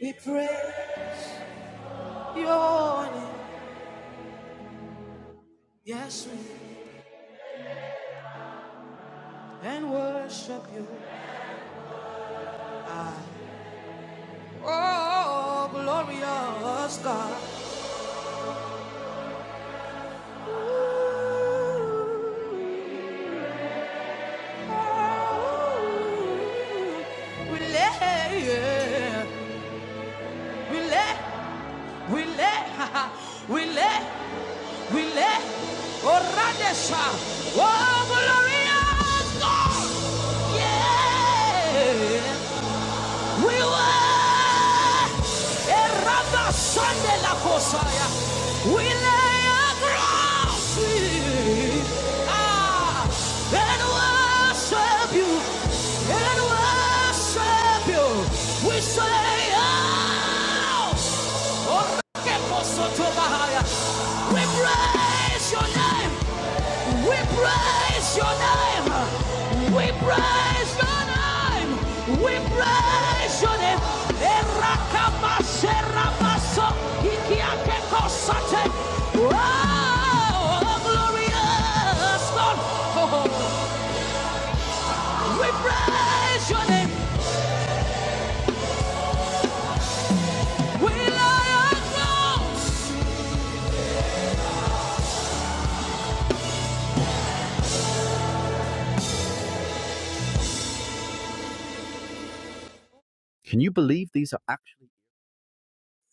We pray your name, yes, we and worship you. Oh, glorious God. Ooh, We lay, yeah. we lay, we lay, we lay, we lay. Oh, Radesha. Oh, glorious God. Yeah. We were a Eraba Sande la Kosaya. We lay across it. Ah, and worship you. And worship you. We say, ah. We praise your name. We praise your name. We praise your name. We praise your name. Erakamaseramaso ikiakekosate. Oh, glorious God. We praise your name. We lay our crowns.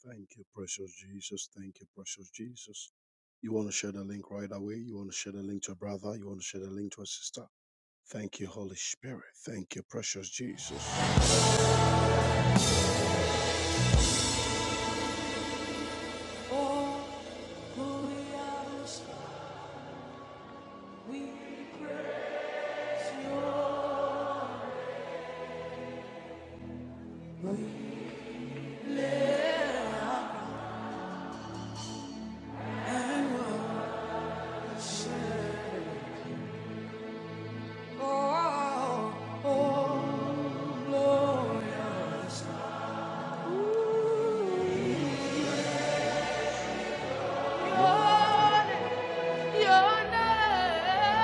Thank you, precious Jesus. Thank you, precious Jesus. You want to share the link right away. You want to share the link to a brother. You want to share the link to a sister. Thank you, Holy Spirit. Thank you, precious Jesus. Oh, holy we praise you We and worship. Oh, oh, glorious. Ooh, oh, your name.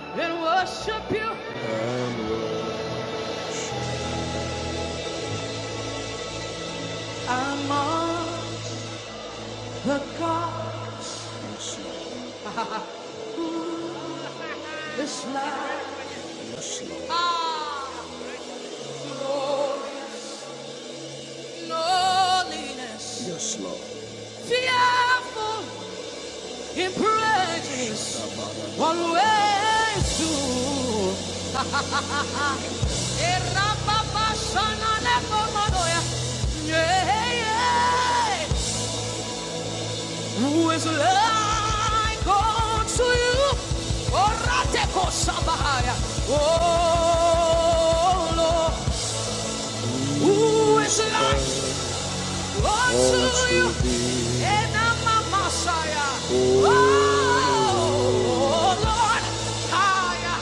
and worship you. among the gods who is like us. Loneliness, yes, Lord. fearful in praises, always true. Erababa, shana, never, manoya. Yeah, yeah. yeah, yeah. Who is like unto you? Oh Lord, who is like unto you? Enama Masaya. Oh Lord, Haya.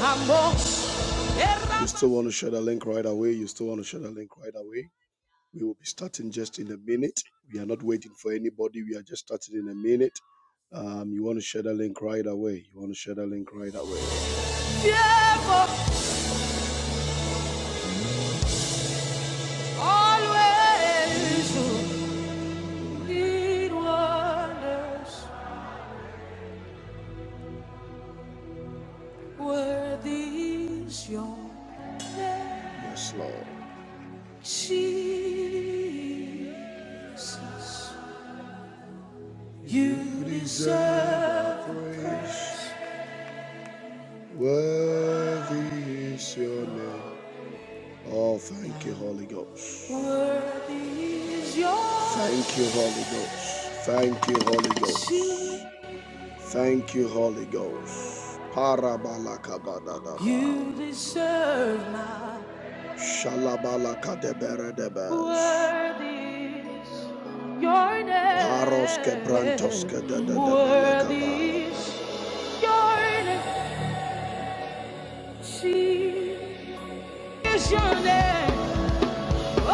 Amos. You still want to share the link right away? You still want to share the link right away? We will be starting just in a minute. We are not waiting for anybody. We are just starting in a minute. Um, you want to share the link right away. You want to share the link right away. Fearful, always who did wonders. Worthy is your name, Yes, Lord. Jesus. You deserve praise. Worthy is your name. Oh, thank you, Holy Ghost. Worthy is your Thank you, Holy Ghost. Thank you, Holy Ghost. name. Thank you, Holy Ghost. Parabalakabadadaba. You deserve my Shalabalakadeberedebes. worthy is your Paros quebrantos name. kedadadabelekaba. Worthy is your name. She is your name. Oh,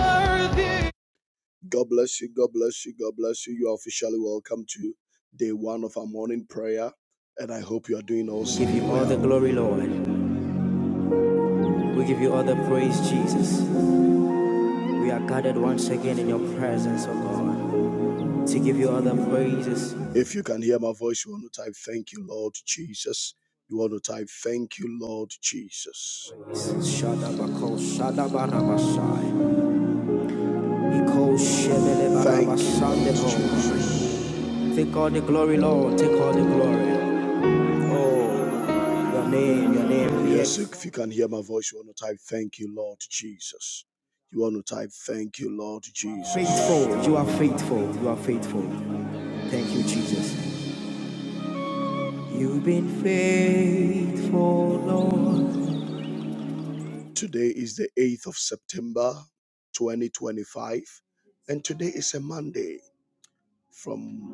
worthy God bless you. God bless you. God bless you. You are officially welcome to day one of our morning prayer. And I hope you are doing awesome. We awesome give you all the well. glory, Lord. We give you all the praise, Jesus. We are gathered once again in your presence, oh God, to give you all the praises. If you can hear my voice, you want to type, Thank you, Lord Jesus. You want to type, Thank you, Lord Jesus. Shadabako, shadabarabashai. Iko shebelebarabashandebo. Thank you, Jesus. Take all the glory, Lord. Take all the glory. Oh, your name, your name. be Yes, if you can hear my voice, you want to type, Thank you, Lord Jesus. You want to type, Thank you, Lord Jesus. Faithful. You are faithful. You are faithful. Thank you, Jesus. You've been faithful, Lord. Today is the 8th of September, 2025, and today is a Monday. From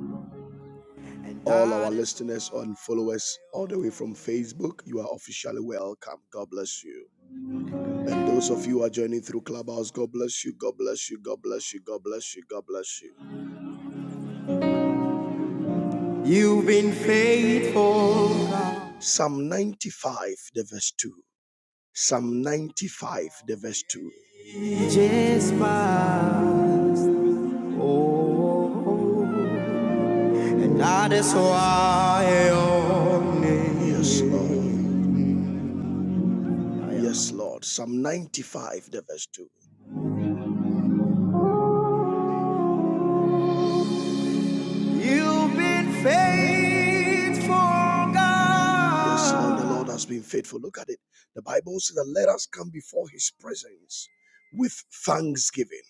All our listeners and followers, all the way from Facebook, you are officially welcome. God bless you. And those of you who are joining through Clubhouse, God bless you. God bless you. God bless you. God bless you. God bless you. You've been faithful. God. Psalm 95, the verse 2. Psalm 95, the verse 2. Ages past. Oh, oh, oh, and that is why your name. Yes, Lord. Yes, Lord. Psalm 95, the verse 2. You've been faithful, God. Yes, Lord, the Lord has been faithful. Look at it. The Bible says that let us come before his presence with thanksgiving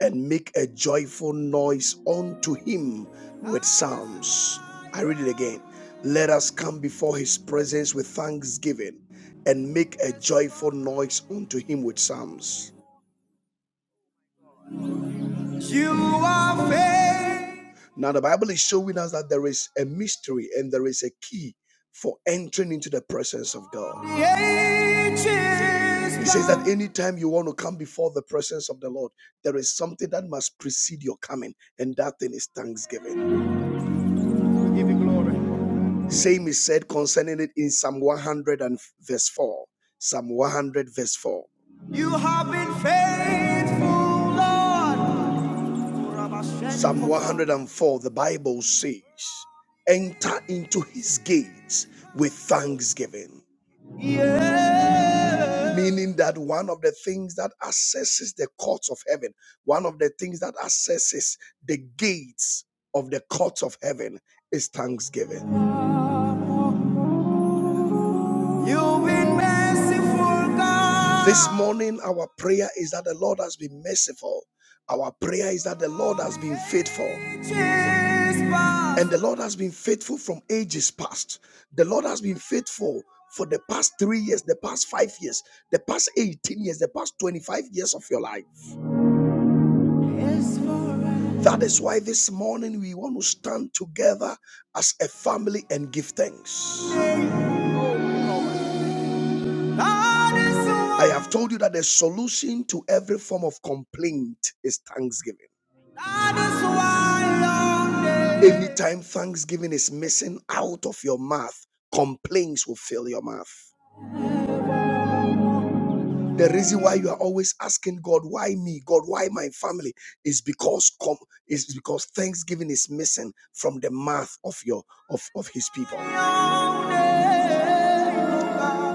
and make a joyful noise unto him with psalms. I read it again. Let us come before his presence with thanksgiving and make a joyful noise unto him with psalms. You are faith. Now, the Bible is showing us that there is a mystery and there is a key for entering into the presence of God. He says that anytime you want to come before the presence of the Lord, there is something that must precede your coming, and that thing is thanksgiving. give you glory. Same is said concerning it in Psalm 100 and verse 4. Psalm 100, verse 4. You have been faithful, Lord. Psalm 104, the Bible says, Enter into his gates with thanksgiving. Yeah. Meaning that one of the things that accesses the courts of heaven, one of the things that accesses the gates of the courts of heaven is thanksgiving. You've been merciful, God. This morning, our prayer is that the Lord has been merciful. Our prayer is that the Lord has been faithful. And the Lord has been faithful from ages past. The Lord has been faithful for the past three years, the past five years, the past 18 years, the past 25 years of your life. Yes, That is why this morning we want to stand together as a family and give thanks. I have told you that the solution to every form of complaint is thanksgiving. Anytime thanksgiving is missing out of your mouth, complaints will fill your mouth. The reason why you are always asking God, why me? God, why my family? Is because com- is because thanksgiving is missing from the mouth of your of, of his people.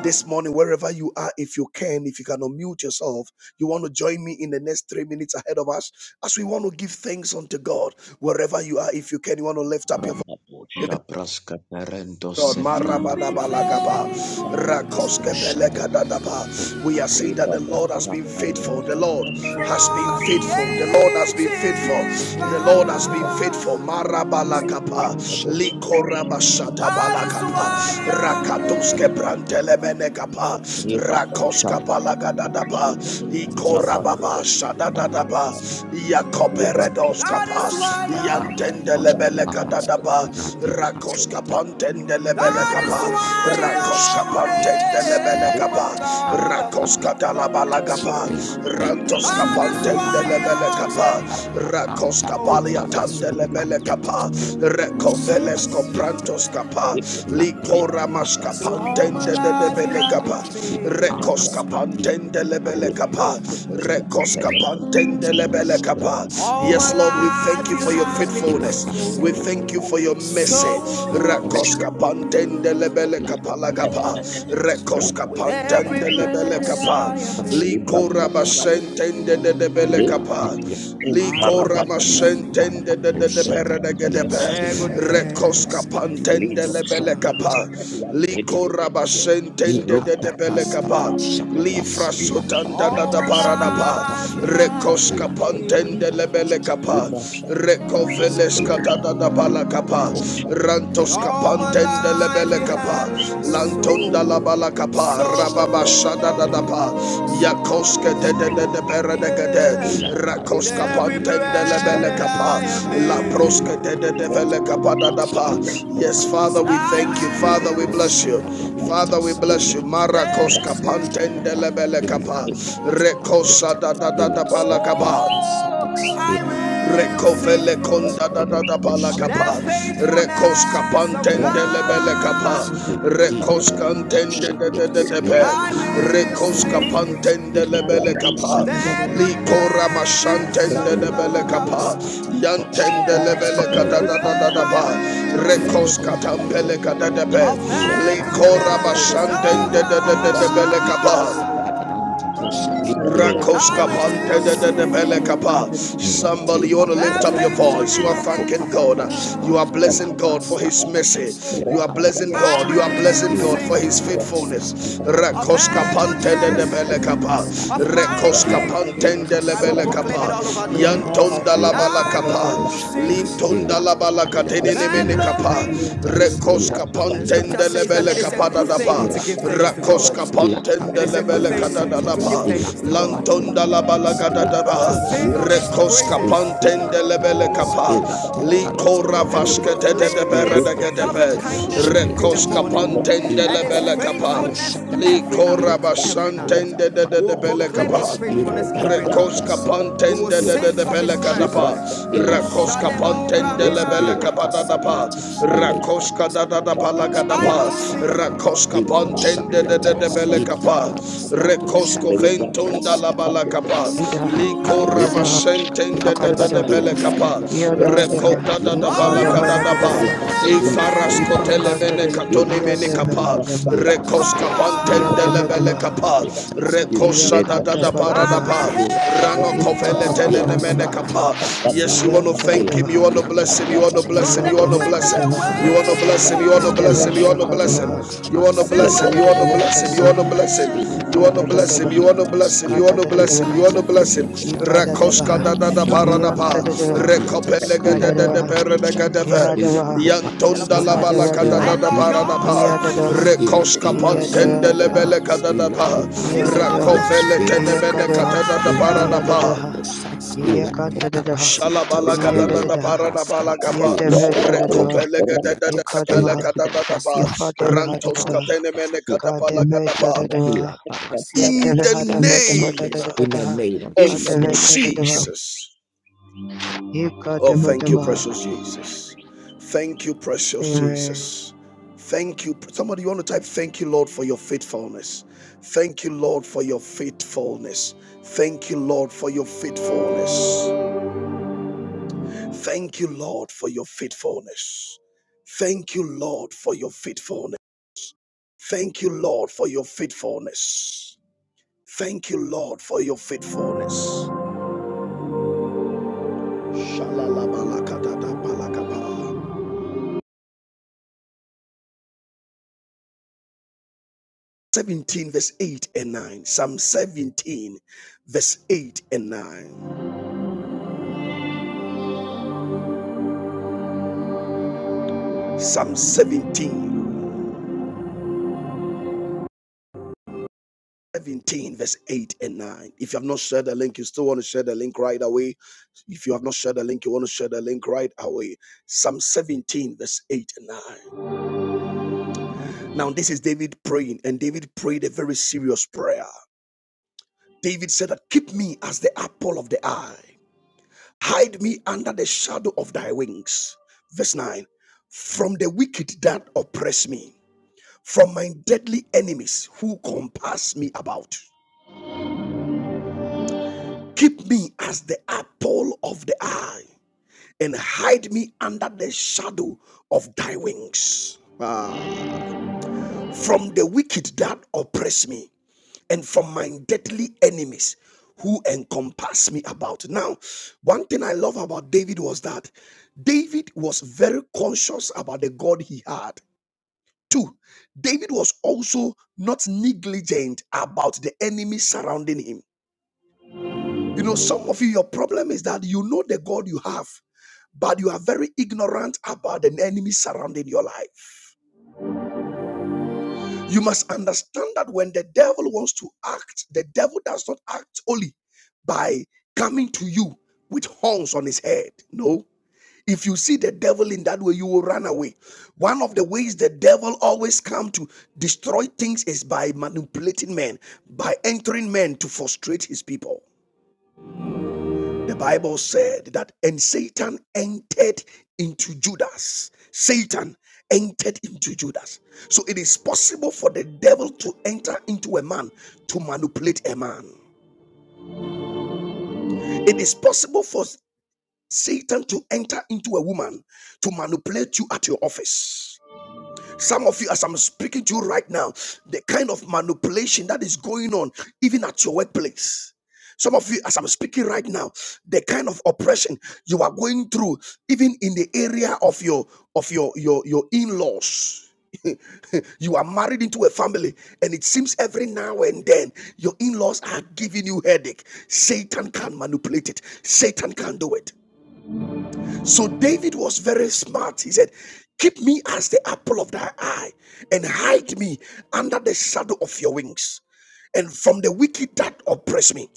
This morning, wherever you are, if you can, if you can unmute yourself, you want to join me in the next three minutes ahead of us as we want to give thanks unto God. Wherever you are, if you can, you want to lift up your Rapapo Shabraska Parento God, Sefrandi Thank you. Marabadabalagaba, Rakoskebelegadadaba. we are saying that Libra the Lord has been Shaparian faithful. The Lord has been faithful. Thank you. The Lord has been faithful. The Lord has been faithful. Marabalakapa, Likorabashatabalakapa, Rakatoskebrantelemenekapa, Ribabo Shapata Rakoskapalagadadaba, Rapado Ikorababashadadadaba, Libran Yakoberedoskapa, Rapatapar Yantendelebelekadadaba, Rakos Rakapo kapantendele bele That is kapa. why Shapata Rakos kapantendele bele I kapa. obey, oh God. Rukra Oh, Thank Recoveles comprantos kapa. Likora mas Rabadipo So all my kapantendele life you Rupa Yes, Yes, Lord, we thank you for your faithfulness. Jesus. We thank you for your mercy. Rakoska pantende lebele kapala kapa. Rekoska pantende lebele kapa. Liko rabasentende de debele kapa. Liko ramasentende de de gedepe. Rekoska pantende lebele kapa. Liko rabasentende de debele kapa. Lifra sotanda da da para da pa. Rekoska pantende lebele kapa. Libra Kapa, Shakata Pepe Recoveles Catadada Balacapa, Lipo Thank Rantos Shakata Capantenda Ra Lebelecapa, Lantonda la Balacapa, Rababa Ra Shadadadapa, Yakoske de de de de Peredegade, Libra Shakata Rakoska Pepe Pantenda Ra Ra Ra Lebelecapa, Ra La Proske de de de Ra da Dadapa. Shakata Yes, Father, Pepe we thank you. Father, we bless you. Father, we bless you. Ra Marakoska Ra Pantenda Ra Lebelecapa, Recosa da da da da Balacapa. Recovele Ra conda da da da bala capa. you. Recosca pantende Rapa le bele capa. Yaspila di Recosca antende Parasha de de de de be. Yaspila di Recosca Parasapa pantende Yaspila le bele Parasha capa. Yaspila Licora mashantende de Parasila bele capa. Parasha di Parasha Yantende le bele Yaspila cata da da da da ba. Parasila La Recosca Kapalata tampele cata de be. Le Rapa Licora Kapalata mashantende Le de de de de Parasha bele capa. Yaspila Parasha Yaspila Rakoska pante Parasha kapa. Somebody, Milatio you want to lift up your Yes, voice. you. You are la sopa thanking la God. cosa da You are la blessing God for pasta His la mercy. cas y You are la blessing cosa God. You are yes blessing God la for His pasta y faithfulness. la Rakoska pante yes la kapa. pasta yes y Rakoska la y pante casi para kapa. la yes Yantonda la la bala para la cosa kapa. yes Lintonda la bala katene yes kapa. yes Rekoska pante kapa da yes thanks to yes God. Rakoska And it's yes Lantonda la To Yes, Balakadadaba sing Rekoska praises, Pantendele Likora Vaskete de proclaim his loving kindness in Rekoska morning and every hour, every night. Rapa Likorabashantende de de de We'll proclaim his belekapa. faithfulness every night. We will Rekoskapantende de de belekadapa. Rakoskapantende le Shalemoramana. Ilakasadiata, Rakoska da da da Ilakasadiata, palakadapa. I will sing. Ilakasadiata, Rakoskapantende de de de Oh, Ilakasadiata, Jesus. belekapa. Rekosko Ilakasadiata, ventunda la balakapa. I love you, Ida, Ilakasadiata, Yadaha, Yata, Ipakadabada, de bele kapa Iraskata, Yadavadaha, rekota Sitadia, da da bala kada da ba Irakatalia, Ikadabadadaha, Ila ifaras Pokaya kotele mene Ipakadada, Sat, katoni Ila mene kapa Yadavahadaba, rekos kapantende le bele Yadavadabaha. kapa deva rekosa da da Yes, Lenosha da deva, para da Prasida, ba deva, rano Abarosha pa kovele pa pa tenene pa pa Pranakusita, mene kapa Agada yes you iya want to tada thank daba, him you Papadapata, want to bless him you want to Agada bless him iya you Papa, want to deva bless him Agada you kadaba, want to bless him Papadapata, you iya want to bless deva him Agada you shaka Iyakadabadaba, Ipapapapapa, Iyantadadabaha, Iyadavakadabaha, want to bless him Yadavashakadabaha, Papadapata, you want to bless him you want Agadosha to Papa, bless him you want Padadadadavashadabaha, to bless him you want to bless him. You Ipadabadabaha, Libasha want to Papa, Libras Papa bless him. You Papa, want to Yapa, bless him. Kadadadadabaha, You want to Lido, bless him. Ipadadabaha, Rakoska da da Rapa, da in Papa, para da pa. Iyantadadabaha, Rekopelega da Papa, da da Kadadabaha, para da ga da ve. Ihadabaha, Rapa, Yantonda la Papa, bala da Rapa, da Ihadabadabaha, da para da pa. Iyadadabaha, Ribo, Rekoska pontende lebele ka da da pa. Iyadadabaha, Iyadadabaha, Rakofele tene ka Iyakadabaha, da da da para da pa. Iyadadabaha, Iyakantadadaha, Riba, Shalabalaka da da Papa, da iyadadadaha, para da bala Papa, pa. Lord, iyadeveshadadaha, Rekopelega da da Rapa, da da bala ikadavaha, ka da da Papa, da pa. Rantoska ifadevahadadadaha, tene Papa, ka da bala ka da pa In kadeveshadadavaha, in the name the yadevahadavadavadadadadaha, name of the of Jesus. name of kadeveshadadavaha, Jesus, Jesus. Oh, thank you, ikadavadavaha. precious Jesus. Thank you, precious Amen. Jesus. Thank you. Somebody, you want to type, Thank you, Lord, for your faithfulness. Thank you, Lord, for your faithfulness. Thank you, Lord, for your faithfulness. Thank you, Lord, for your faithfulness. Thank you, Lord, for your faithfulness. Thank you, Lord, for your faithfulness. Thank you, Lord, for your faithfulness. 17 verse 8 and 9 psalm 17 verse 8 and 9 psalm 17 17 verse 8 and 9 if you have not shared the link you still want to share the link right away if you have not shared the link you want to share the link right away psalm 17 verse 8 and 9 now this is david praying and david prayed a very serious prayer david said that keep me as the apple of the eye Hide me under the shadow of thy wings. Verse 9 From the wicked that oppress me, from my deadly enemies who compass me about. Keep me as the apple of the eye, and hide me under the shadow of thy wings. Ah. From the wicked that oppress me, and from my deadly enemies who encompass me about. Now, one thing I love about David was that David was very conscious about the God he had. Two, David was also not negligent about the enemy surrounding him. You know, some of you, your problem is that you know the God you have, but you are very ignorant about the enemy surrounding your life. You must understand that when the devil wants to act, the devil does not act only by coming to you with horns on his head. No. If you see the devil in that way, you will run away. One of the ways the devil always comes to destroy things is by manipulating men, by entering men to frustrate his people. The Bible said that, and Satan entered into Judas. Satan entered into Judas. So it is possible for the devil to enter into a man to manipulate a man. It is possible for Satan to enter into a woman to manipulate you at your office. Some of you, as I'm speaking to you right now, the kind of manipulation that is going on, even at your workplace. Some of you, as I'm speaking right now, the kind of oppression you are going through, even in the area of your of your your your in-laws. you are married into a family, and it seems every now and then your in-laws are giving you headache. Satan can manipulate it. Satan can do it. So David was very smart. He said, Keep me as the apple of thy eye and hide me under the shadow of your wings and from the wicked that oppress me.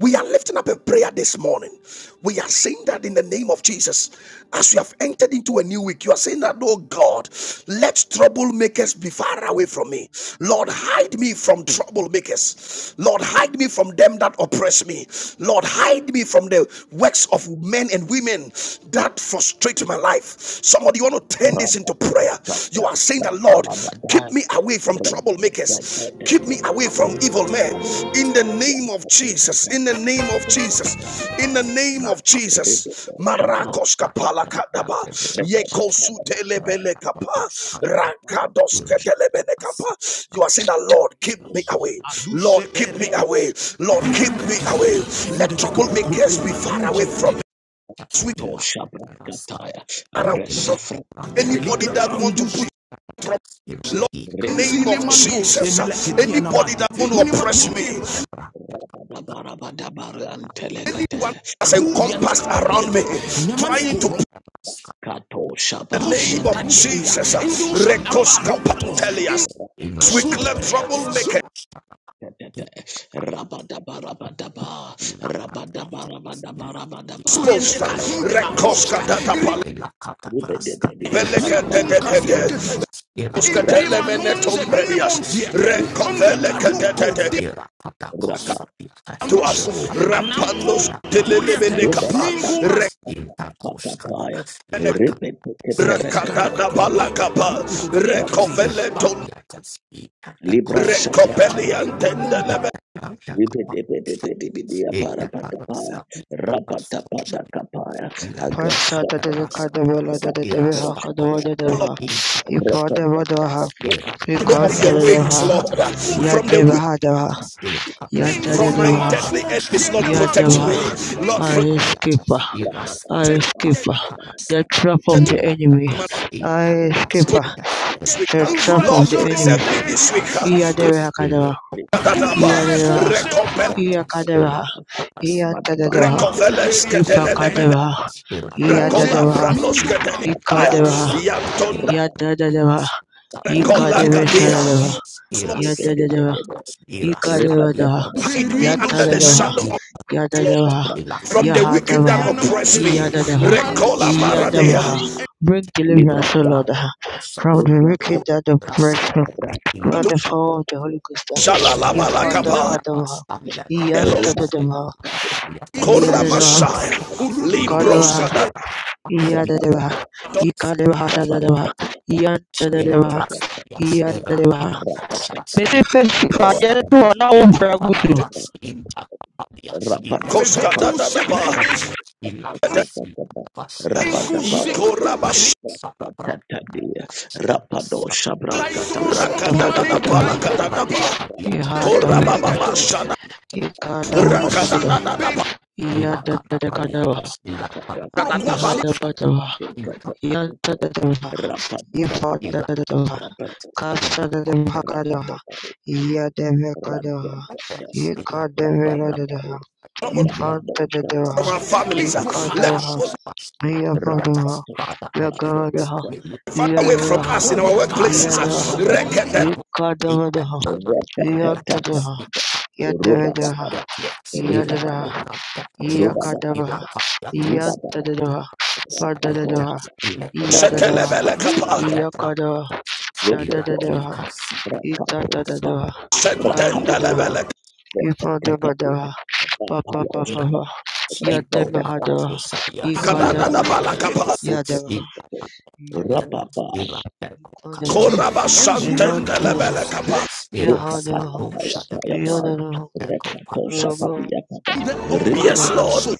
We are lifting up a prayer this morning. We are saying that in the name of Jesus, as we have entered into a new week, you are saying that, oh God, let troublemakers be far away from me. Lord, hide me from troublemakers. Lord, hide me from them that oppress me. Lord, hide me from the works of men and women men that frustrate my life. Somebody, you want to turn this Rabba into prayer. Osha You are saying Basta that, Lord, keep Parabada, me away from Rabba troublemakers, keep me away from evil men. In the name of Jesus, in the name of Jesus, in the name of Jesus. Marakos kapala kadaba, Ilaki, yekosu telebele kapa, rakados ketelebele kapa. You are saying that, Lord, keep me away. Lord, keep me away. Lord, keep me away. Let troublemakers be far away from me We Tosha Braskataya, Agresefra Anybody that Badosha, want to push Lord, in the name of Repetebra, Jesus. Anybody that want to oppress me, Rabadabarabadarante Lekate, anyone that's encompassed around me, trying to push Kato Shaba the name Shete of Jesus. Rekoska patelias. We clear troublemaker. Rabadabarabadaba, rabadabarabadabarabadaba, Exposed. ra- Rekoska tatapala. Ilaka rubedebedikeparabadaba, Belekadededede. rabadaba, rabadabadikeparabadaba, Skatelemenetombrelias. rabadabu, Rekovelekadededede. raba- To us, rampanos, ruba- telelemenekapa, sapaparabadabaya, rebedekeperekete, Rakatata balakapa, raba- recovelenton, libra shapra, recopeliantende It never was rubedebedebedibidiaparabadabaya, coming, I was rabadabadakapaya, Irakika agrashapapaya, Nebraska, yes, Pasadadadakadavaladadadaha, rapatoshapra, Irastabosh, kadavadadavaha, Inkabosh, ifadavadavaha, yes, rapapapapapa, of Irakika your rapa- Rasta, wings, ikantadadaha, Lord, yes, from the Ilakata, wind, yadevahadavaha, yes, from Ilakapiatis, my yadadadavaha. deadly enemies, Lord, Avepashaya, protect Yadaba, me, Lord, protect Ilakapaska, I yes, skipper, Iraska, me. I skipper, the Inkapakarasta, trap of Let the enemy. my life Ilakapas, I Inkapaska, skipper, yes, the protect. trap of Lord, Ilakapaska, the enemy. preserve me this week. Ilakosa, Yadaba yes, kadaba, Rakatata, Ilakopakas, Yadaba, recopel, Yakadaba, Ilakapiatas, Yantadaba, recoveles, ketelemene, Ipakadaba, Ila rakola, Yadadaba, pranos, keteli, Ikadaba, yantonda, Yadadaba, rekola, Ikadaba katia. Shadadaba, Yadadaba, Ikadaba, Hide me under the Yatadaba, shadow Yadadabaha, from the wicked that Yahadabaha, oppress me. Yadadabaha, Recola baradea. Yadabaha. Bring Libra deliverance, O Lord, Sapa, ah, from the Libra wicked and the oppressed, Sapa, by the power of the Holy Ghost. ah. Shalalabalakapa. Yifadakadabaha, Elos Yadadabaha, Kora Yadadabaha, Messiah. Libroska Kadabaha, da Yadadabaha, Yikadabaha, Yadadabaha, Rapa Ila Yadadabaha, Yadadabaha. Mesifesi fagere tu Sapa, wana Rapa umfragutu. Koska Rapatakapa. da da ba. Rapatakapa. Rapatakapa. Ikora Messiah. Rapatakatadia. Rapado shabraskatapa. Rakada da da ba la Kadabadabadabaha, kada da ba. Kora Baba ba Yahadabaha. ba He had a Rakada batador. da da ba la He had the decadava. He ba had la. the batava. He had the deva. He fought the deva. Captured the Hakadaha. Rapatakapa. He had the Vekadaha. He caught the Veladaha. He From fought the deva. our He families, uh, caught the let Shall Vaha. us we not He fought forget the that our eyes were opened Vagavaha. by the be He far had away from us power in of our the had Holy workplaces. had uh. Spirit? the In the Rekede He caught the name Vadaha. He had the of He the had a Father, Ikadabadadada, iyadadadakadaba, He iyadadadaba, ifadadadaba, Rapapa, and kasadadabakadaha, of the iyadabakadaha, Son, ikadeveladadaha, ifadadadaha, ikadabaha, iyafadaha, yagavadaha, iyadadaha, iyadabaha, ikadabadaha, and iyadadaha, yadavadaha, yadadaha. Yakadaba, Yantadaba, Padadaba, Yadadaba, shetelebele kapa. Yakadaba, Shadadaba, of the Itatadaba, shetenda Kantadaba, lebele Holy Spirit. Ipadabadaba, Papa Papa, Amen. Iko para Yadabahadaba, kusalia Kanada ila la Ikadabasha, balakapa. kutepasa Yadaba, ila kalia Yadaba, ila teko kalia Kodaba, Koraba ila para santende la Yantadaba, kusalia balakapa. ila Yahadaba, skadusha ya ila Yadadaba, teko kalia Yabba, Yes, Kodaba, Lord.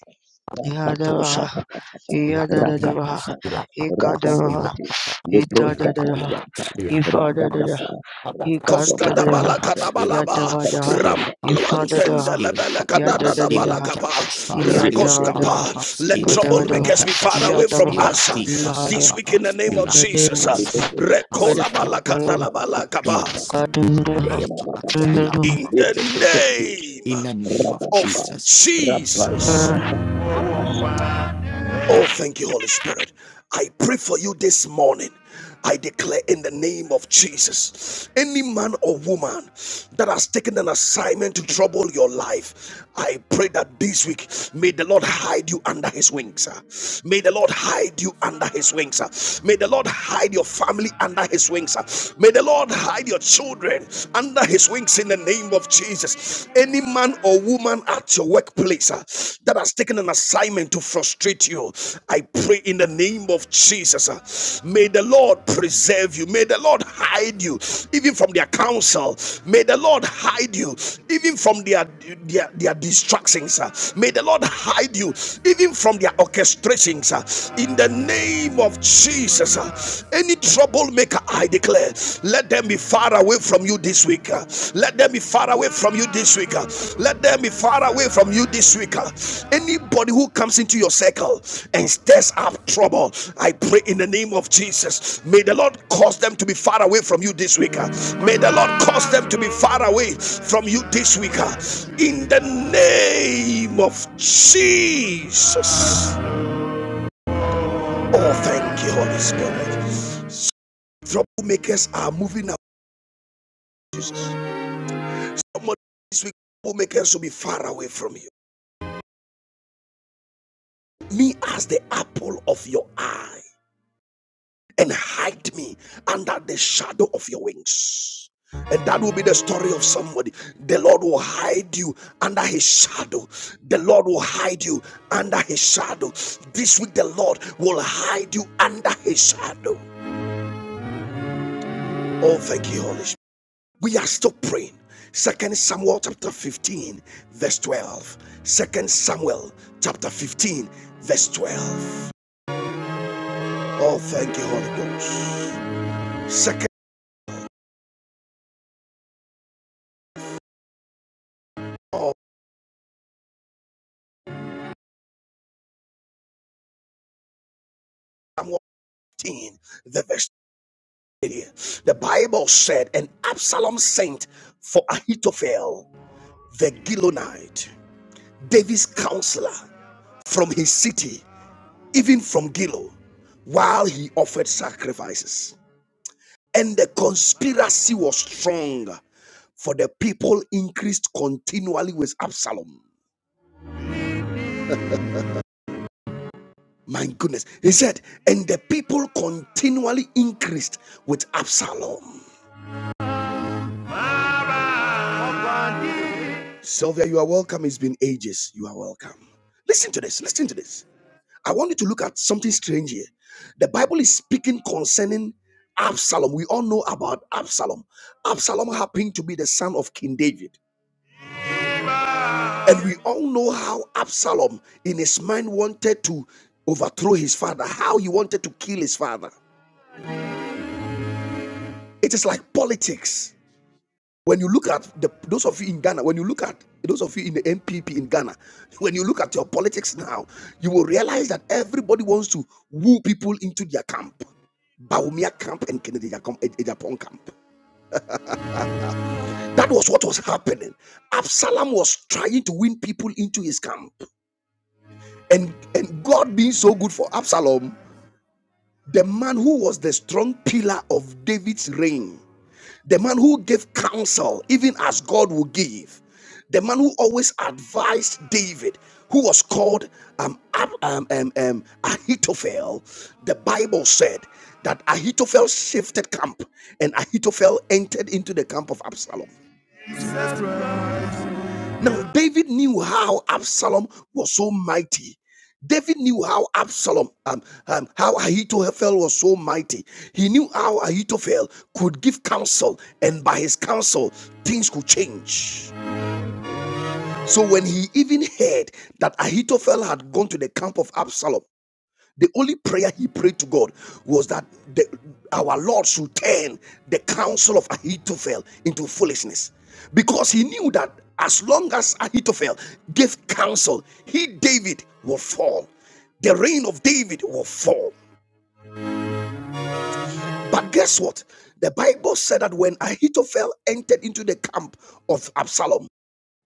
Rakatosha Yadavaha, Yadadavaha, Ilapapianos, Rakatapa ilapapas, Rakabebe Ikadavaha, ilapapas, Librosa Itadadaha, ilapapianos, Payanta Ifadadaha, ilapapas, Rakadapa Rakadoka Koskada Ikantadaha, balakada ilapapas, ilapatapas, Pedope balaba. ilapatapas, Yadavadaha, Ram. Rakatapa ilapatatosas, Alwantende Ifadadaha, la balakada ilapatapas, da Librasa Yadadadaha, balakapa. ilatetosas, Ribebe Yadavadaha, ilapatapas, Rakoskapa. Let Kadavadaha, troublemakers Rubosa be far away ilapatantosas, from Yadavaha, Rapa us. This Lahada. week in ilatikasalapas, the name In of the name Jesus. of Jesus, Ribebe let Rekola us ilaprastapikasapia, all balakada know la balakapa. God is in ilastapatosas, the Lord, In the ilapatakosa. name In the name of of Jesus. Jesus. Oh, thank you, Holy Spirit. I pray for you this morning. I declare in the name of Jesus, any man or woman that has taken an assignment to trouble your life, I pray that this week may the Lord hide you under his wings. ah. May the Lord hide you under his wings. ah. May the Lord hide your family under his wings. ah. May the Lord hide your children under his wings in the name of Jesus. Any man or woman at your workplace uh, that has taken an assignment to frustrate you, I pray in the name of Jesus. uh, may the Lord preserve you. May the Lord hide you, even from their counsel. May the Lord hide you, even from their their, their distractions. uh. may the Lord hide you, even from their orchestrations. uh, in the name of Jesus, uh. any troublemaker, I declare, let them be far away from you this week. uh. Let them be far away from you this week. uh. Let them be far away from you this week. uh. Anybody who comes into your circle and stirs up trouble, I pray in the name of Jesus. May the Lord cause them to be far away from you this week. uh. May the Lord cause them to be far away from you this week. uh. In the name of Jesus. Oh, thank you, Holy Spirit. Troublemakers are moving up. Somebody this week will make us to be far away from you. Me as the apple of your eye, and hide me under the shadow of your wings. And that will be the story of somebody. The Lord will hide you under his shadow. The Lord will hide you under his shadow. This week, the Lord will hide you under his shadow. Oh, thank you, Holy Spirit. we are still praying. Second Samuel chapter 15, verse 12. Second Samuel chapter 15, verse 12. Oh, thank you, Holy Ghost. Second Samuel 15, the verse 20. The Bible said, and Absalom sent for Ahithophel, the Gilonite, David's counselor, from his city, even from Gilo, while he offered sacrifices. and the conspiracy was strong for the people increased continually with absalom my goodness he said and the people continually increased with absalom sylvia you are welcome it's been ages you are welcome listen to this listen to this i want you to look at something strange here the bible is speaking concerning absalom we all know about absalom absalom happened to be the son of king david And we all know how Absalom, in his mind, wanted to overthrow his father, how he wanted to kill his father. It is like politics. When you look at the, those of you in Ghana, when you look at those of you in the MPP in Ghana, when you look at your politics now, you will realize that everybody wants to woo people into their camp. Baumia camp and Kennedy Ejapon Ejapon camp. That was what was happening. Absalom was trying to win people into his camp. And, and God being so good for Absalom, the man who was the strong pillar of David's reign, the man who gave counsel, even as God will give, the man who always advised David, who was called um, um, um, um, Ahithophel, the Bible said that Ahithophel shifted camp and Ahithophel entered into the camp of Absalom. Now, David knew how Absalom was so mighty. David knew how Absalom, um, um, how Ahithophel was so mighty. He knew how Ahithophel could give counsel, and by his counsel, things could change. So when he even heard that Ahithophel had gone to the camp of Absalom, the only prayer he prayed to God was that the, our Lord should turn the counsel of Ahithophel into foolishness. Because he knew that as long as Ahithophel gave counsel, he, David, will fall. The reign of David will fall. But guess what? The Bible said that when Ahithophel entered into the camp of Absalom,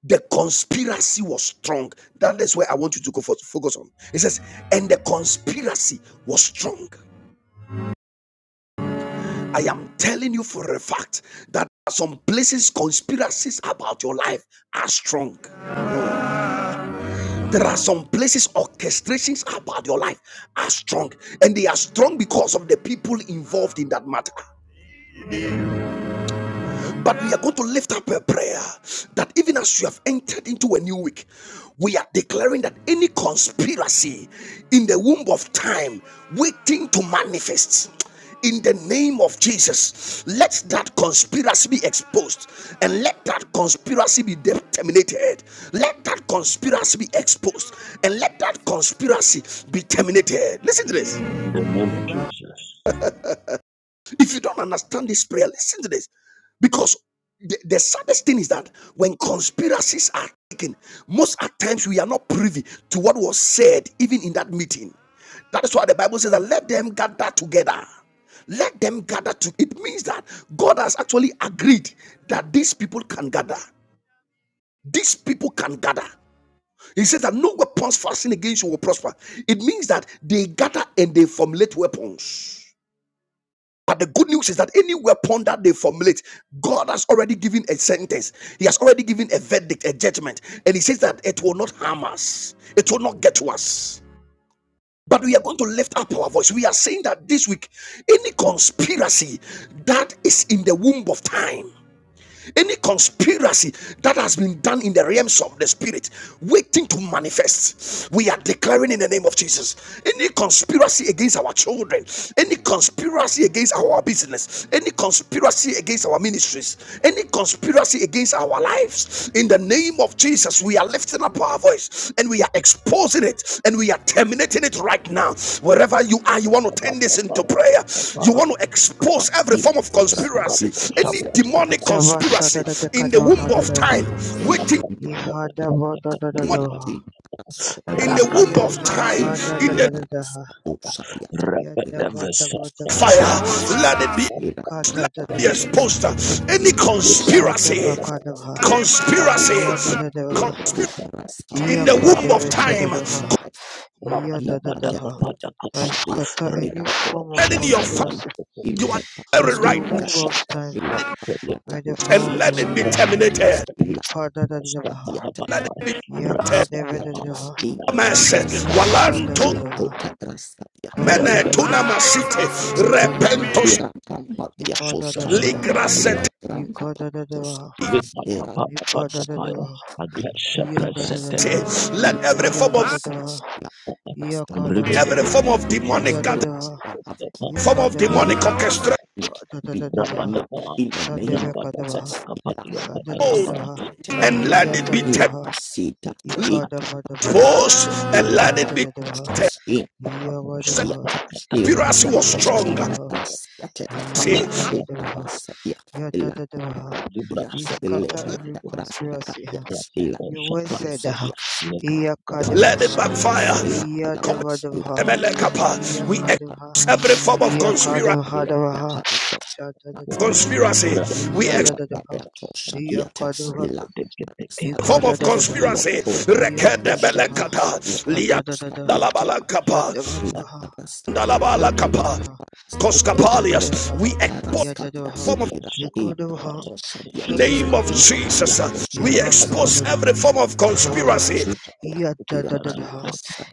the conspiracy was strong. That is where I want you to go for, focus on. It says, and the conspiracy was strong. I am telling you for a fact that some places conspiracies about your life are strong. There are some places orchestrations about your life are strong, and they are strong because of the people involved in that matter. But we are going to lift up a prayer that even as you have entered into a new week, we are declaring that any conspiracy in the womb of time waiting to manifest in the name of Jesus. Let that conspiracy be exposed and let that conspiracy be terminated. Let that conspiracy be exposed and let that conspiracy be terminated. Listen to this. in the name of Jesus. If you don't understand this prayer, listen to this. Because the, the saddest thing is that when conspiracies are taken, most at times we are not privy to what was said even in that meeting. That is why the Bible says that let them gather together. Let them gather to it means that God has actually agreed that these people can gather. These people can gather. He says that no weapons fastened against you will prosper. It means that they gather and they formulate weapons. But the good news is that any weapon that they formulate, God has already given a sentence. He has already given a verdict, a judgment. And He says that it will not harm us, it will not get to us. But we are going to lift up our voice. We are saying that this week, any conspiracy that is in the womb of time any conspiracy that has been done in the realms of the spirit waiting to manifest we are declaring in the name of jesus any conspiracy against our children any conspiracy against our business any conspiracy against our ministries any conspiracy against our lives. In the name of Jesus, we are lifting up our voice and we are exposing it and we are terminating it right now. Wherever you are, you want to turn this into prayer. You want to expose every Here, form of stop you. conspiracy, I'll any set the demonic bus. I'll Kadavadaha, push conspiracy the bus. in the womb Yeah, of time, we Yadavadaha, Yadavadaha, do Rakatos waiting not Yadavadaha, do that. Yadavadaha, We must go. in the womb of Yada time, We kada da in the da da da must ha. do something. We Yada must do that. va da Repedevesa va da va da fire. Rasula ha. Let it be, We must let Kada da it da be da do da va. exposed. something. We Any must do Libran Ipa da va something. conspiracy, We kada must va. Rabat do Yada conspiracy, da da ha. conspiracy something. in Iya the We kada womb must Rabat of do vesha da time. da ha. something. He y Yada da da ha. Rabadabadabadakapa I ateparaskushaya scatter any form of Repedosa Concerning your family irapepaskati Tabran conspiracy You are very in the right now womb Infasa of inteparaskutaya time by the power and of the let it Holy be ilapatiatakaskoshaya Rapastabanabada Ghost. pante terminated. Ipa da da da da ha. ilapatiatas Let it be Ya terminated. kada va da Rabadaba da inakosayatas ha. Rakatos intuskayatas Isha da va Walanto da ha. ilakotepraskaya Kada da mene da ha. tuna masite Da da irapaskaya va da ha. repentos Ipa da da da irampambatiakoskaya ha. Repedosa ligrasete. Ikadadadava, ilebrantapatoskaya Ripatapatapatapaya, Ipadadadava, Agresha Kebrastadia, Iyadadadava, Prasetani, in Let every form of Iyadadadava, Paracassatia, Parastadia, Iyakadava, every form Ribedebedi, of every demonic gathering, conspiracy Iyadadava, that have come Ribedebedi, form of against demonic Ikadavadava, Ripatapa, orchestration, me be Padadadadava, terminated Rapatapa, in the name of Jesus. Sadevakadava, Ila Rapatapatakapatia, Patakapa, Sadadadava, Parastadia, and let it Rapatofiada, be Ila exposed. Iyatadadava, Casita, Ita Ipadavadava, Paria, and Ita let it be. Ikantadadava, Paracasas, in Iyavadava, Yate, Ripetepatapatapa, Ila Conspiracy was Yaposha strong. Iyavadava, Parastadia, See, Ila Rakaparakata, Iyadavadava, Parastadia, Ila Yadadadava. Parastadia, We Ila Parastadia, scatter Libraskaparapati, every conspiracy. huh? Ila Your word said, Rapatoshapalites, Parastadia, Ya no let it Iyakadava. Lekapatapatapa, sabías backfire. que la Iya dava palapas, la dava, palapas, iya We la kadava, expose every palapas, la form of iya conspiracy. kadava Mira, la dava, cada cosa, shada la dava cada Rap, área, Conspiracy. We iya expose la dada dava, cada cosa, iya diates, kadava, la cada eka form of dada diates, Ripetepetepetepete, y dava le conspiracy. compra iya la dada cosa, dava. diates, Rekedebelekata, y pada dada dava la iya liandalabalakapa, Ilaka dava, Yadavadavaha, Yakadavaha, Rapat zandalabalakapa, dava, koskapalias. Shadadadavaha, We expose Yadadadaha, the dava form of Ekadadadadaha, Yantadadaha, dava Yadavadavaha, Yadadadaha, Yadadadaha, the name of Yadadavaha, Jesus. We Ekadavaha, dava expose dava. every form of Yo, conspiracy. ya da da da da,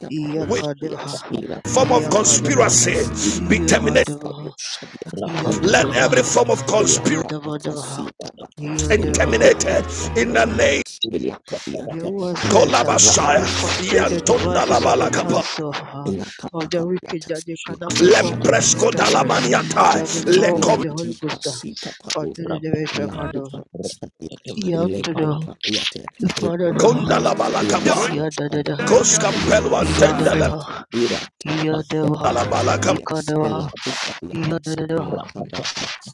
ya We ka de ha, form of ya ka de ha, conspiracy be ya ha terminated. de ha, ya da da Let da every ha, form of ka conspiracy da ba da ha, ya de and ha, terminated in de the ha. name Your word of says uh, Kolabashaya you frustrate the devices of the Yantondalabalakapa council uh, of the wicked that Yakapapaliatas, they cannot perform their Yakosakapas, Lempresko enterprise Dalamaniata by the Yakapatiatas, power of Lekom the Holy Igrandika Ghost. uh, for the the- the- the- for the- Yan to the Father the Yada the Yada the Yadeva, Ikadeva, Yadadeva,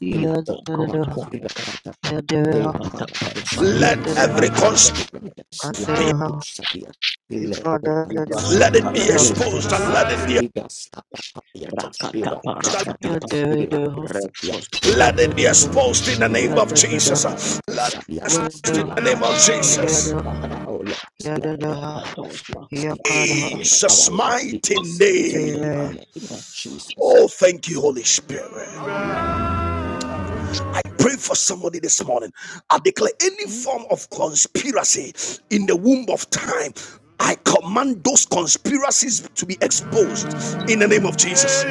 Yadadeva, Yadadeva, Let every Yadadeva, conspiracy Kadadeva, Ifadadeva, let it be Ifadadeva, exposed and let Ifadadeva, it be exposed. Rakataparapatapa, Yadadeva, Reposkepra, Let it be Sadadeva, exposed in the name of Father, Jesus. Yadadeva, Let it be exposed in the Yadadeva, name of Jesus. Yadadeva, oh Lord, let every Yadadeva, conspiracy Yakadeva. Rapatosakataskatapa, against our Jesus' life be mighty exposed in name. the Amen. name of Tepetsapa, Jesus. Oh, thank you, Holy Spirit. I pray for somebody this morning. I declare any Hmm? form of conspiracy in the womb of time. I command those conspiracies to be exposed in the name of Jesus.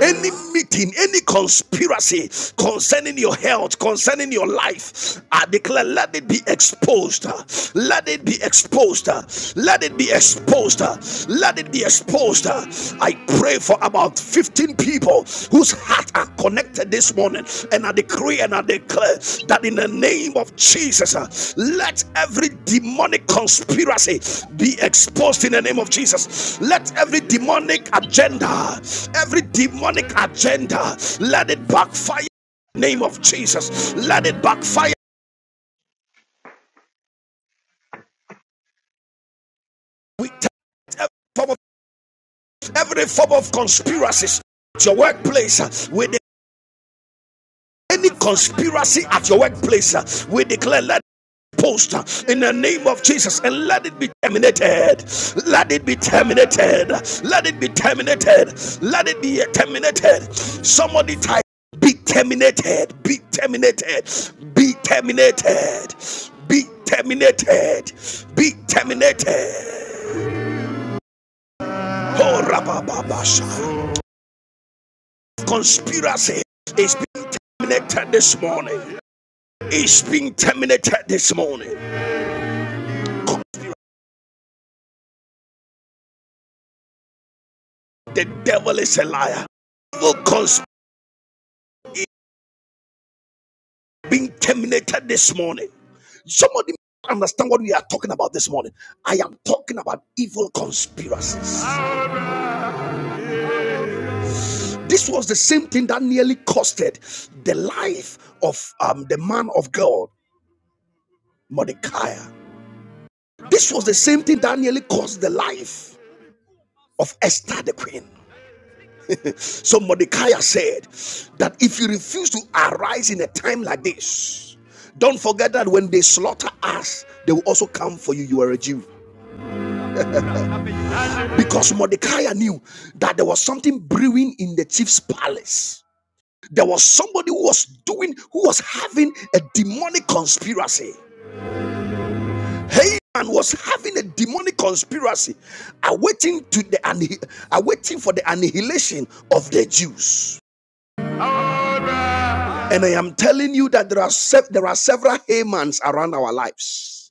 Any meeting, any conspiracy concerning your health, concerning your life, I declare let it be exposed. Let it be exposed. Let it be exposed. Let it be exposed. I pray for about 15 people whose heart are connected this morning and I decree and I declare that in the name of Jesus, uh, let every demonic conspiracy be exposed in the name of Jesus. Let every demonic agenda, every demonic agenda, let it backfire in the name of Jesus. Let it backfire. We take every form of, every form of conspiracies at your workplace. We Any conspiracy at your workplace, uh, we declare let post uh, in the name of Jesus and let it be terminated. Let it be terminated. Let it be terminated. Let it be uh, terminated. Somebody type be terminated. Be terminated. Be terminated. Be terminated. Be terminated. Oh, rabababasha. Conspiracy is being terminated this morning. It's being terminated this morning. The devil is a liar. Evil conspiracy is being terminated this morning. Somebody understand what we are talking about this morning. I am talking about evil conspiracies. This was the same thing that nearly costed the life of um, the man of God, Mordecai. This was the same thing that nearly cost the life of Esther the queen. So Mordecai said that if you refuse to arise in a time like this, don't forget that when they slaughter us, they will also come for you. You are a Jew. Because Mordecai knew that there was something brewing in the chief's palace. There was somebody who was doing, who was having a demonic conspiracy. Haman was having a demonic conspiracy, awaiting to the anni- awaiting for the annihilation of the Jews. And I am telling you that there are sev- there are several Hamans around our lives.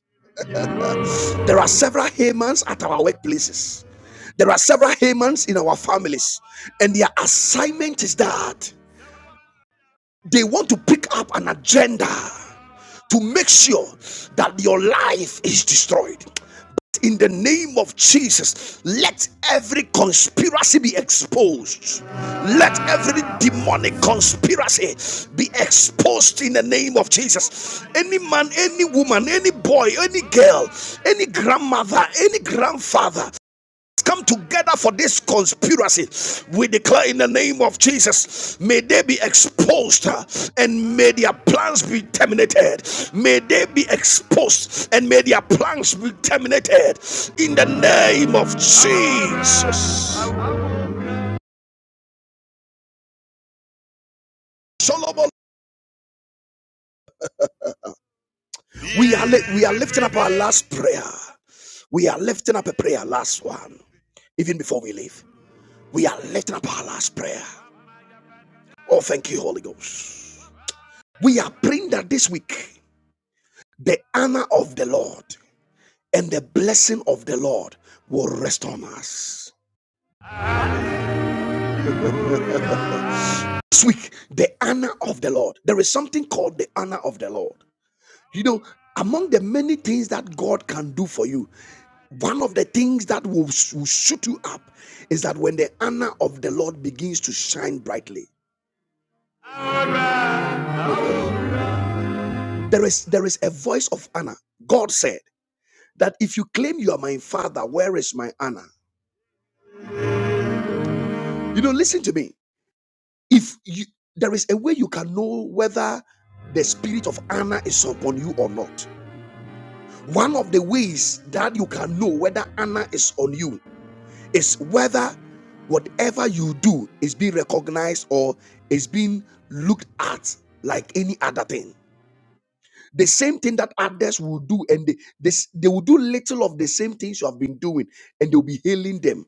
There are several Hamans at our workplaces. There are several Hamans in our families, and their assignment is that they want to pick up an agenda to make sure that your life is destroyed. in the name of Jesus, let every conspiracy be exposed. Let every demonic conspiracy be exposed in the name of Jesus. Any man, any woman, any boy, any girl, any grandmother, any grandfather, come together for this conspiracy. We declare in the name of Jesus, may they be exposed uh, and may their plans be terminated. May they be exposed and may their plans be terminated in the name of Jesus. Solomon, we are, we are lifting up our last prayer. We are lifting up a prayer, last one, even before we leave. We are lifting up our last prayer. Oh, thank you, Holy Ghost. We are praying that this week the honor of the Lord and the blessing of the Lord will rest on us. This week, the honor of the Lord. There is something called the honor of the Lord. You know, among the many things that God can do for you, one of the things that will, will shoot you up is that when the honor of the Lord begins to shine brightly, there is there is a voice of honor. God said that if you claim you are my father, where is my honor? You know, listen to me. If you, there is a way you can know whether the spirit of Anna is upon you or not, one of the ways that you can know whether Anna is on you is whether whatever you do is being recognized or is being looked at like any other thing. The same thing that others will do, and they, this, they will do little of the same things you have been doing, and they'll be hailing them.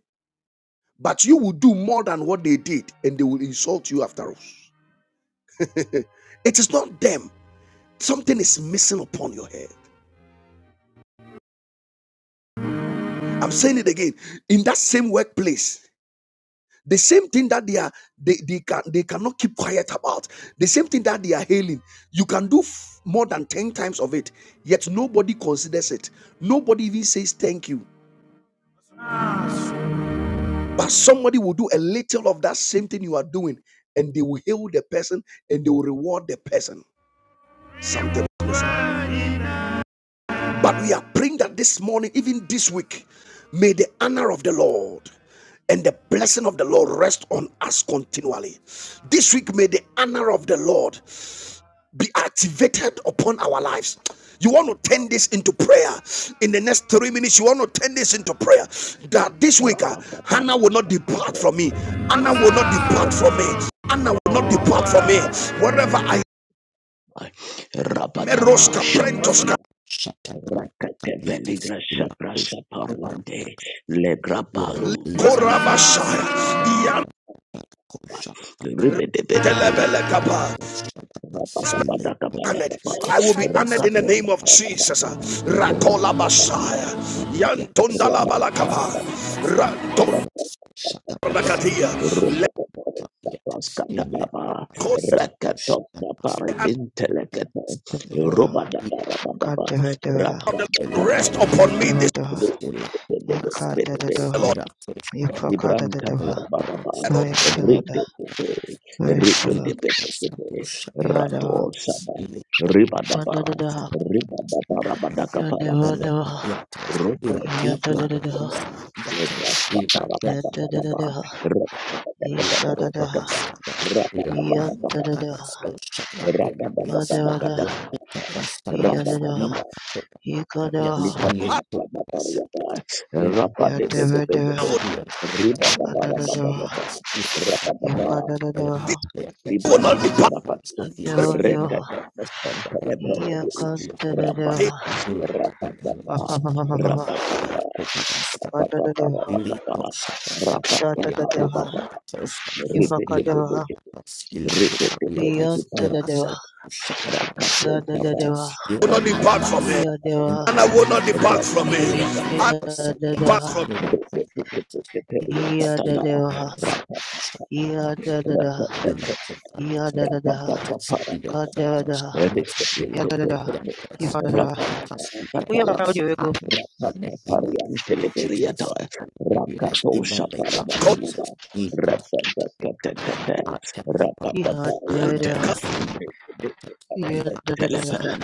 But you will do more than what they did, and they will insult you after all. it is not them. Something is missing upon your head. I'm saying it again. In that same workplace, the same thing that they are they, they can they cannot keep quiet about, the same thing that they are hailing, you can do f- more than 10 times of it, yet nobody considers it. Nobody even says thank you. But somebody will do a little of that same thing you are doing, and they will hail the person and they will reward the person. Something. is But we are praying that this morning, even this week, may the honor of the Lord and the blessing of the Lord rest on us continually. This week, may the honor of the Lord be activated upon our lives. You want to turn this into prayer in the next three minutes. You want to turn this into prayer that this week, uh, Rapatapa, Hannah will not depart Sakabra, from me. Hannah will not depart from me. Hannah will not depart from me. Reposkepra, Wherever I am, Rapatapa, Meroska Shapa, Prentoska, Shatabrantakadiatas, Rakateveligra, Sapra, Saparwante, Ilakushatabrantak, Legrapalu, Parante, Uradilatas, Likorabashaya. Shatabrantakoshalata, Ribedebedekipedekiped, Ilakushatabras, Honored. Rapapadakapadakapa, Ilakushatabras, I will be honored in the Rakatapa, name of Jesus. Ilakushatabras, Rakatapa, Rakola Basaya. Yantondala Rapatapa, Balakapa. Rantondalakatia. Let the hand Yadadeva, Kadadeva, of the Lord Yes. rest upon me this Yadadeva, day, Ikadadeva, Lord. Libranta Ifakadadeva. Parabata, Mercy, Lord. Ripetete, Yeshua, Ripetete, Yadawa, Rato Sama, Ribadaba, Vandadadaha, Yes, Ribadaba Rabadaka La Yandavadaha, Parakatapa, las calles Rupa Sapo, Yantadadaha, Legra Sapara Patapa, Yantadadaha, Rabadaka, Ishadadaha, y Rabadaka, los Yantadadaha, Rabadaka, Vandavadaha, Rabadaka, Rabadaka, Yadadaha, Libra Yikadaha, Shaka Batariata, Rapa de Yantavadaha, Bedebedebe, Riba Babara espectadores y Vandadadaha, los Babatapa, espectadores y Rapa Baba, Yifadadadaha, this los will Libran not depart. espectadores Kaparapati, Reka Yandavadaha, Kapasan Kalepere, Rapa, It Yakantadadaha, Ila Rapa Baba, Vapapapapapa, Rapa Rapa Baba Vandadadaha, Baba, Rapa Baba Rapa Shatadadaha, Baba, Ripete Yivakadaha, Pedeke, Ripete Pedeke Parapata, Yantadadaha, Raka Posaba, Sadadadaha, will not Rapa depart from me. Baba And I Baba Yadeva, will not Baba, depart from me. And depart Yadadaha, from me. Yadadeva, Rapa Yadadadaha, you know, sometimes Yadadadaha, yeah, Kadavadaha, lack of Yadadadaha, the answers in Yadadadaha. the hospital. We are proud That's you, how Ego. we are in the Jesus. I will give you in the name of Jesus. In hospital, I take the one. I take the Yadadadaha, sin. We love to scatter. Yadadadaha, We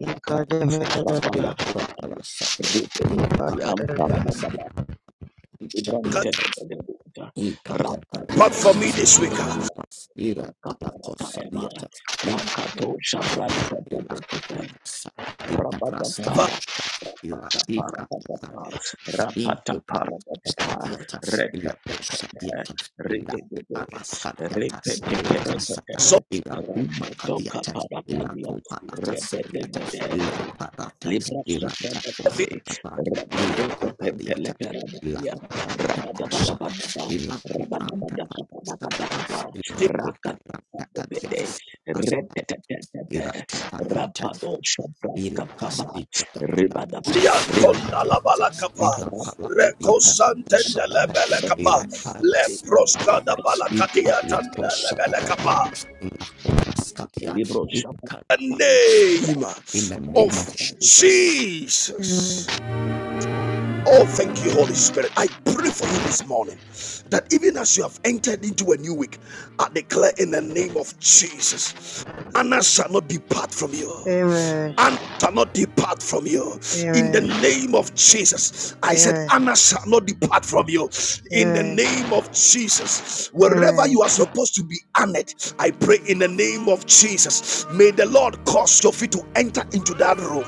Yadadadaha, Yadadadaha. y catan a la depart from cosa me this y week. la capacidad a la cosa y Rakato Shabran la copia rossa e la brasca Rabadaba rossa e la teca Rapataparabadaba grande in tutta la rossa Rapataparabadaba dieta e la rossa Rekatakata dieta e la Ridididi brasca dieta Ripete e la cassata Peretekata So, e la gomma Doka cadiata e la Parapadia copa la cassetta Rebedemede e le patate Libra e la Sopra tacosta Batabe, tapa e le Rabadota copa dieta e la Pentelegarabia, cuprante crossata Rabadabadabadaba, e la cuprante crossata Rabadabadakabadakabakaba, e coprante cadiata Rakatabede, Retetetetete, Irakataliatas, Rapado Shopraska Ilakas, Baba, Ribadaba, Irakataliatas, Liantonda Ribadaba, la Ilakatas, balakapa, Rabetapa, Irapalakaliatas, recosantenda la Sadapas, belekapa, Ilakas. leprosca da balakatia tanda Ipaliatos, la belekapa. Sadapaliatas, Ilakobraskatia, Libro Ikalapastatia. In Shapa. The carapastatia. name In the name of of Jesus. Amen. Jesus. Oh, thank you, Holy Spirit. I pray for you this morning that even as you have entered into a new week, I declare in the name of Jesus. Anna shall not depart from you. Amen. Anna shall not depart from you. In the Amen. name of Jesus. I said, Amen. Anna shall not depart from you. In the Amen. name of Jesus. Wherever Amen. you are supposed to be honored, I pray in the name of Jesus. May the Lord cause your feet to enter into that room.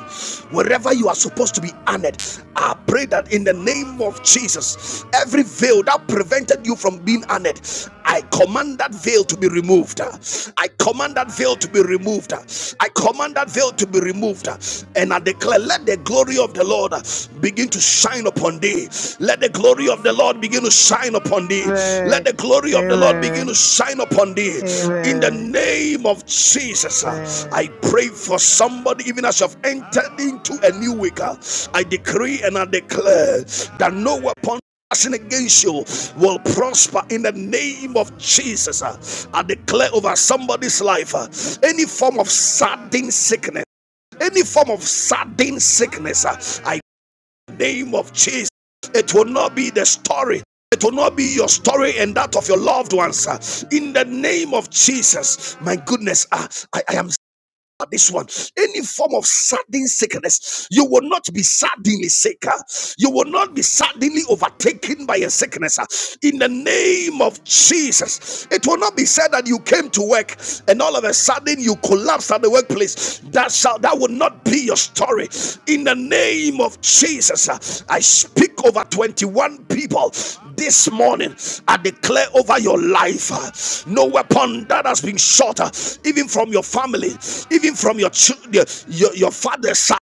Wherever you are supposed to be honored, I pray that in the name of Jesus, every veil that prevented you from being honored, I command that veil to be removed removed. I command that veil to be removed. I command that veil to be removed. And I declare, let the glory of the Lord begin to shine upon thee. Let the glory of the Lord begin to shine upon thee. Let Amen. the glory of the Lord begin to shine upon thee. In the Amen. Amen. name of Jesus, I pray for somebody, even as you have entered into a new week. I decree and I declare that no weapon action against you will prosper in the name of Jesus. Uh, I declare over somebody's life uh, any form of sudden sickness, any form of sudden sickness, uh, I name of Jesus. It will not be the story. It will not be your story and that of your loved ones. uh, In the name of Jesus, my goodness, uh, I, I am this one. Any form of sudden sickness, you will not be suddenly sick. uh. You will not be suddenly overtaken by a sickness. uh. In the name of Jesus, it will not be said that you came to work and all of a sudden you collapsed at the workplace. That shall that will not be your story. In the name of Jesus, uh, I speak over 21 people this morning, I declare over your life uh, no weapon that has been shot, uh, even from your family, even from your children, your, your father's side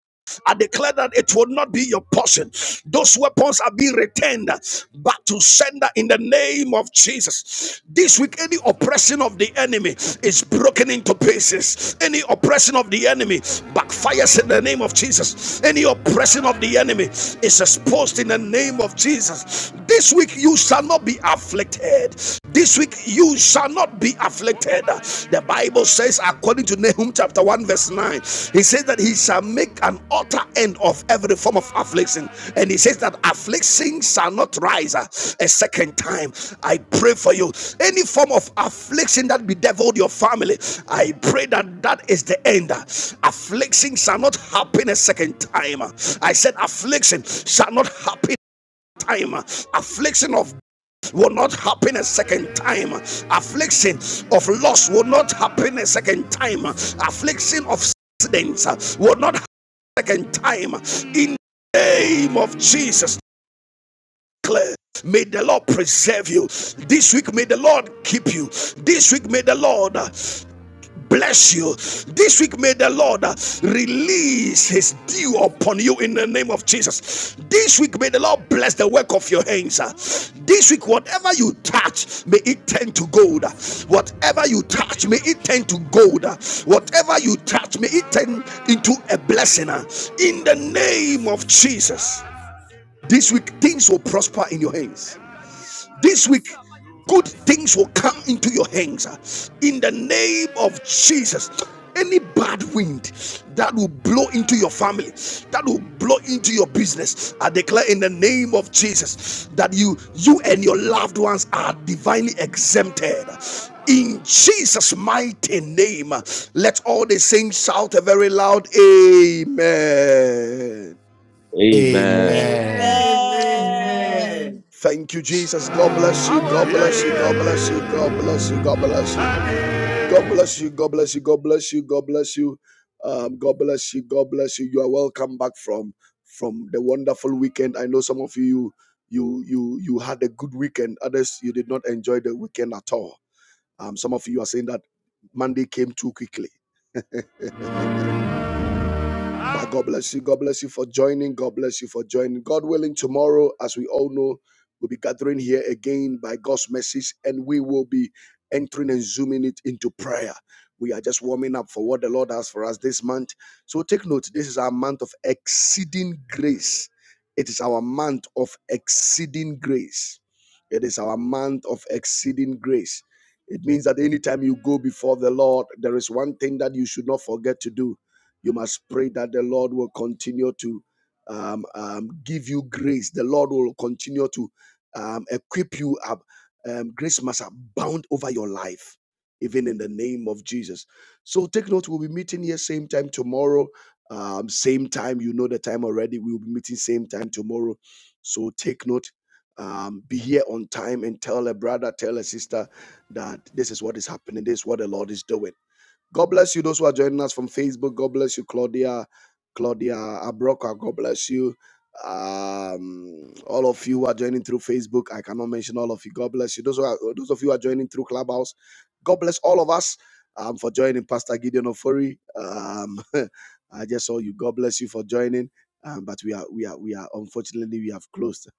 I declare that it will not be your portion. Those weapons are being returned back to sender in the name of Jesus. This week, any oppression of the enemy is broken into pieces. Any oppression of the enemy backfires in the name of Jesus. Any oppression of the enemy is exposed in the name of Jesus. This week, you shall not be afflicted. This week, you shall not be afflicted afflicted. The Bible says, according to Nahum chapter 1, verse 9, he says that he shall make an utter end of every form of affliction. And he says that affliction shall not rise uh, a second time. I pray for you. Any form of affliction that bedeviled your family, I pray that that is the end. Affliction shall not happen a second time. I said, affliction shall not happen time affliction of will not happen a second time. Affliction of loss will not happen a second time. Affliction of accidents will not happen a second time. In the name of Jesus, declare. May the Lord preserve you. This week, may the Lord keep you. This week, may the Lord uh, bless you. This week, may the Lord uh, release His dew upon you in the name of Jesus. This week, may the Lord bless the work of your hands. uh. This week, whatever you touch, may it turn to gold. Whatever you touch, may it turn to gold. Whatever you touch, may it turn into a blessing. uh, In the name of Jesus. This week, things will prosper in your hands. This week, good things will come into your hands in the name of Jesus. Any bad wind that will blow into your family, that will blow into your business, I declare in the name of Jesus that you, you and your loved ones are divinely exempted. In Jesus' mighty name, let all the saints shout a very loud Amen. Amen. Amen. Amen. Amen. Amen. Thank you, Jesus. God bless you. God bless you. Amen. God bless you. God bless you. God bless you. God bless you. God bless you. God bless you. God bless you. Um, God bless you. God bless you. You are welcome back from from the wonderful weekend. I know some of you you you you had a good weekend. Others you did not enjoy the weekend at all. Um, some of you are saying that Monday came too quickly. Ah, God bless you. God bless you for joining. God bless you for joining. God willing, tomorrow, as we all know, we'll be gathering here again by God's message, and we will be entering and zooming it into prayer. We are just warming up for what the Lord has for us this month. So take note, this is our month of exceeding grace. It is our month of exceeding grace. It is our month of exceeding grace. It means that anytime you go before the Lord, there is one thing that you should not forget to do you must pray that the Lord will continue to um, um, give you grace. The Lord will continue to um, equip you up. Um, grace must abound over your life, even in the name of Jesus. So take note, we'll be meeting here same time tomorrow. Um, same time, you know the time already. We'll be meeting same time tomorrow. So take note, um, be here on time and tell a brother, tell a sister that this is what is happening, this is what the Lord is doing. God bless you, those who are joining us from Facebook. God bless you, Claudia, Claudia Abroka. God bless you. Um, all of you who are joining through Facebook. I cannot mention all of you. God bless you. Those who are, those of you who are joining through Clubhouse. God bless all of us um, for joining Pastor Gideon Ofori. Um, I just saw you. God bless you for joining. Um, but we are we are we are unfortunately we have closed.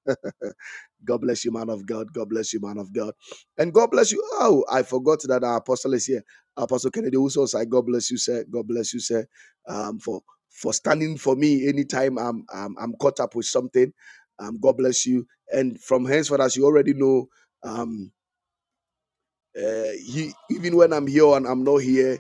God bless you, man of God. God bless you, man of God. And God bless you. Oh, I forgot that our apostle is here. Apostle Kennedy also said, God bless you, sir. God bless you, sir. Um, for for standing for me anytime I'm I'm, I'm caught up with something. Um, God bless you. And from henceforth, as you already know, um, uh, he, even when I'm here and I'm not here,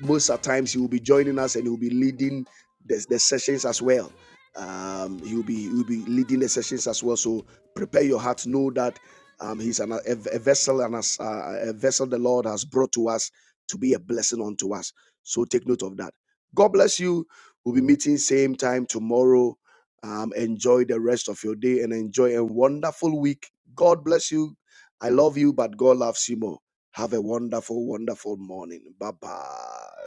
most of times he will be joining us and he will be leading the, the sessions as well. Um, he will be he will be leading the sessions as well. So prepare your heart. Know that um, he's an, a, a vessel and as, uh, a vessel the Lord has brought to us to be a blessing unto us. So take note of that. God bless you. We'll be meeting same time tomorrow. Um, enjoy the rest of your day and enjoy a wonderful week. God bless you. I love you, but God loves you more. Have a wonderful, wonderful morning. Bye bye.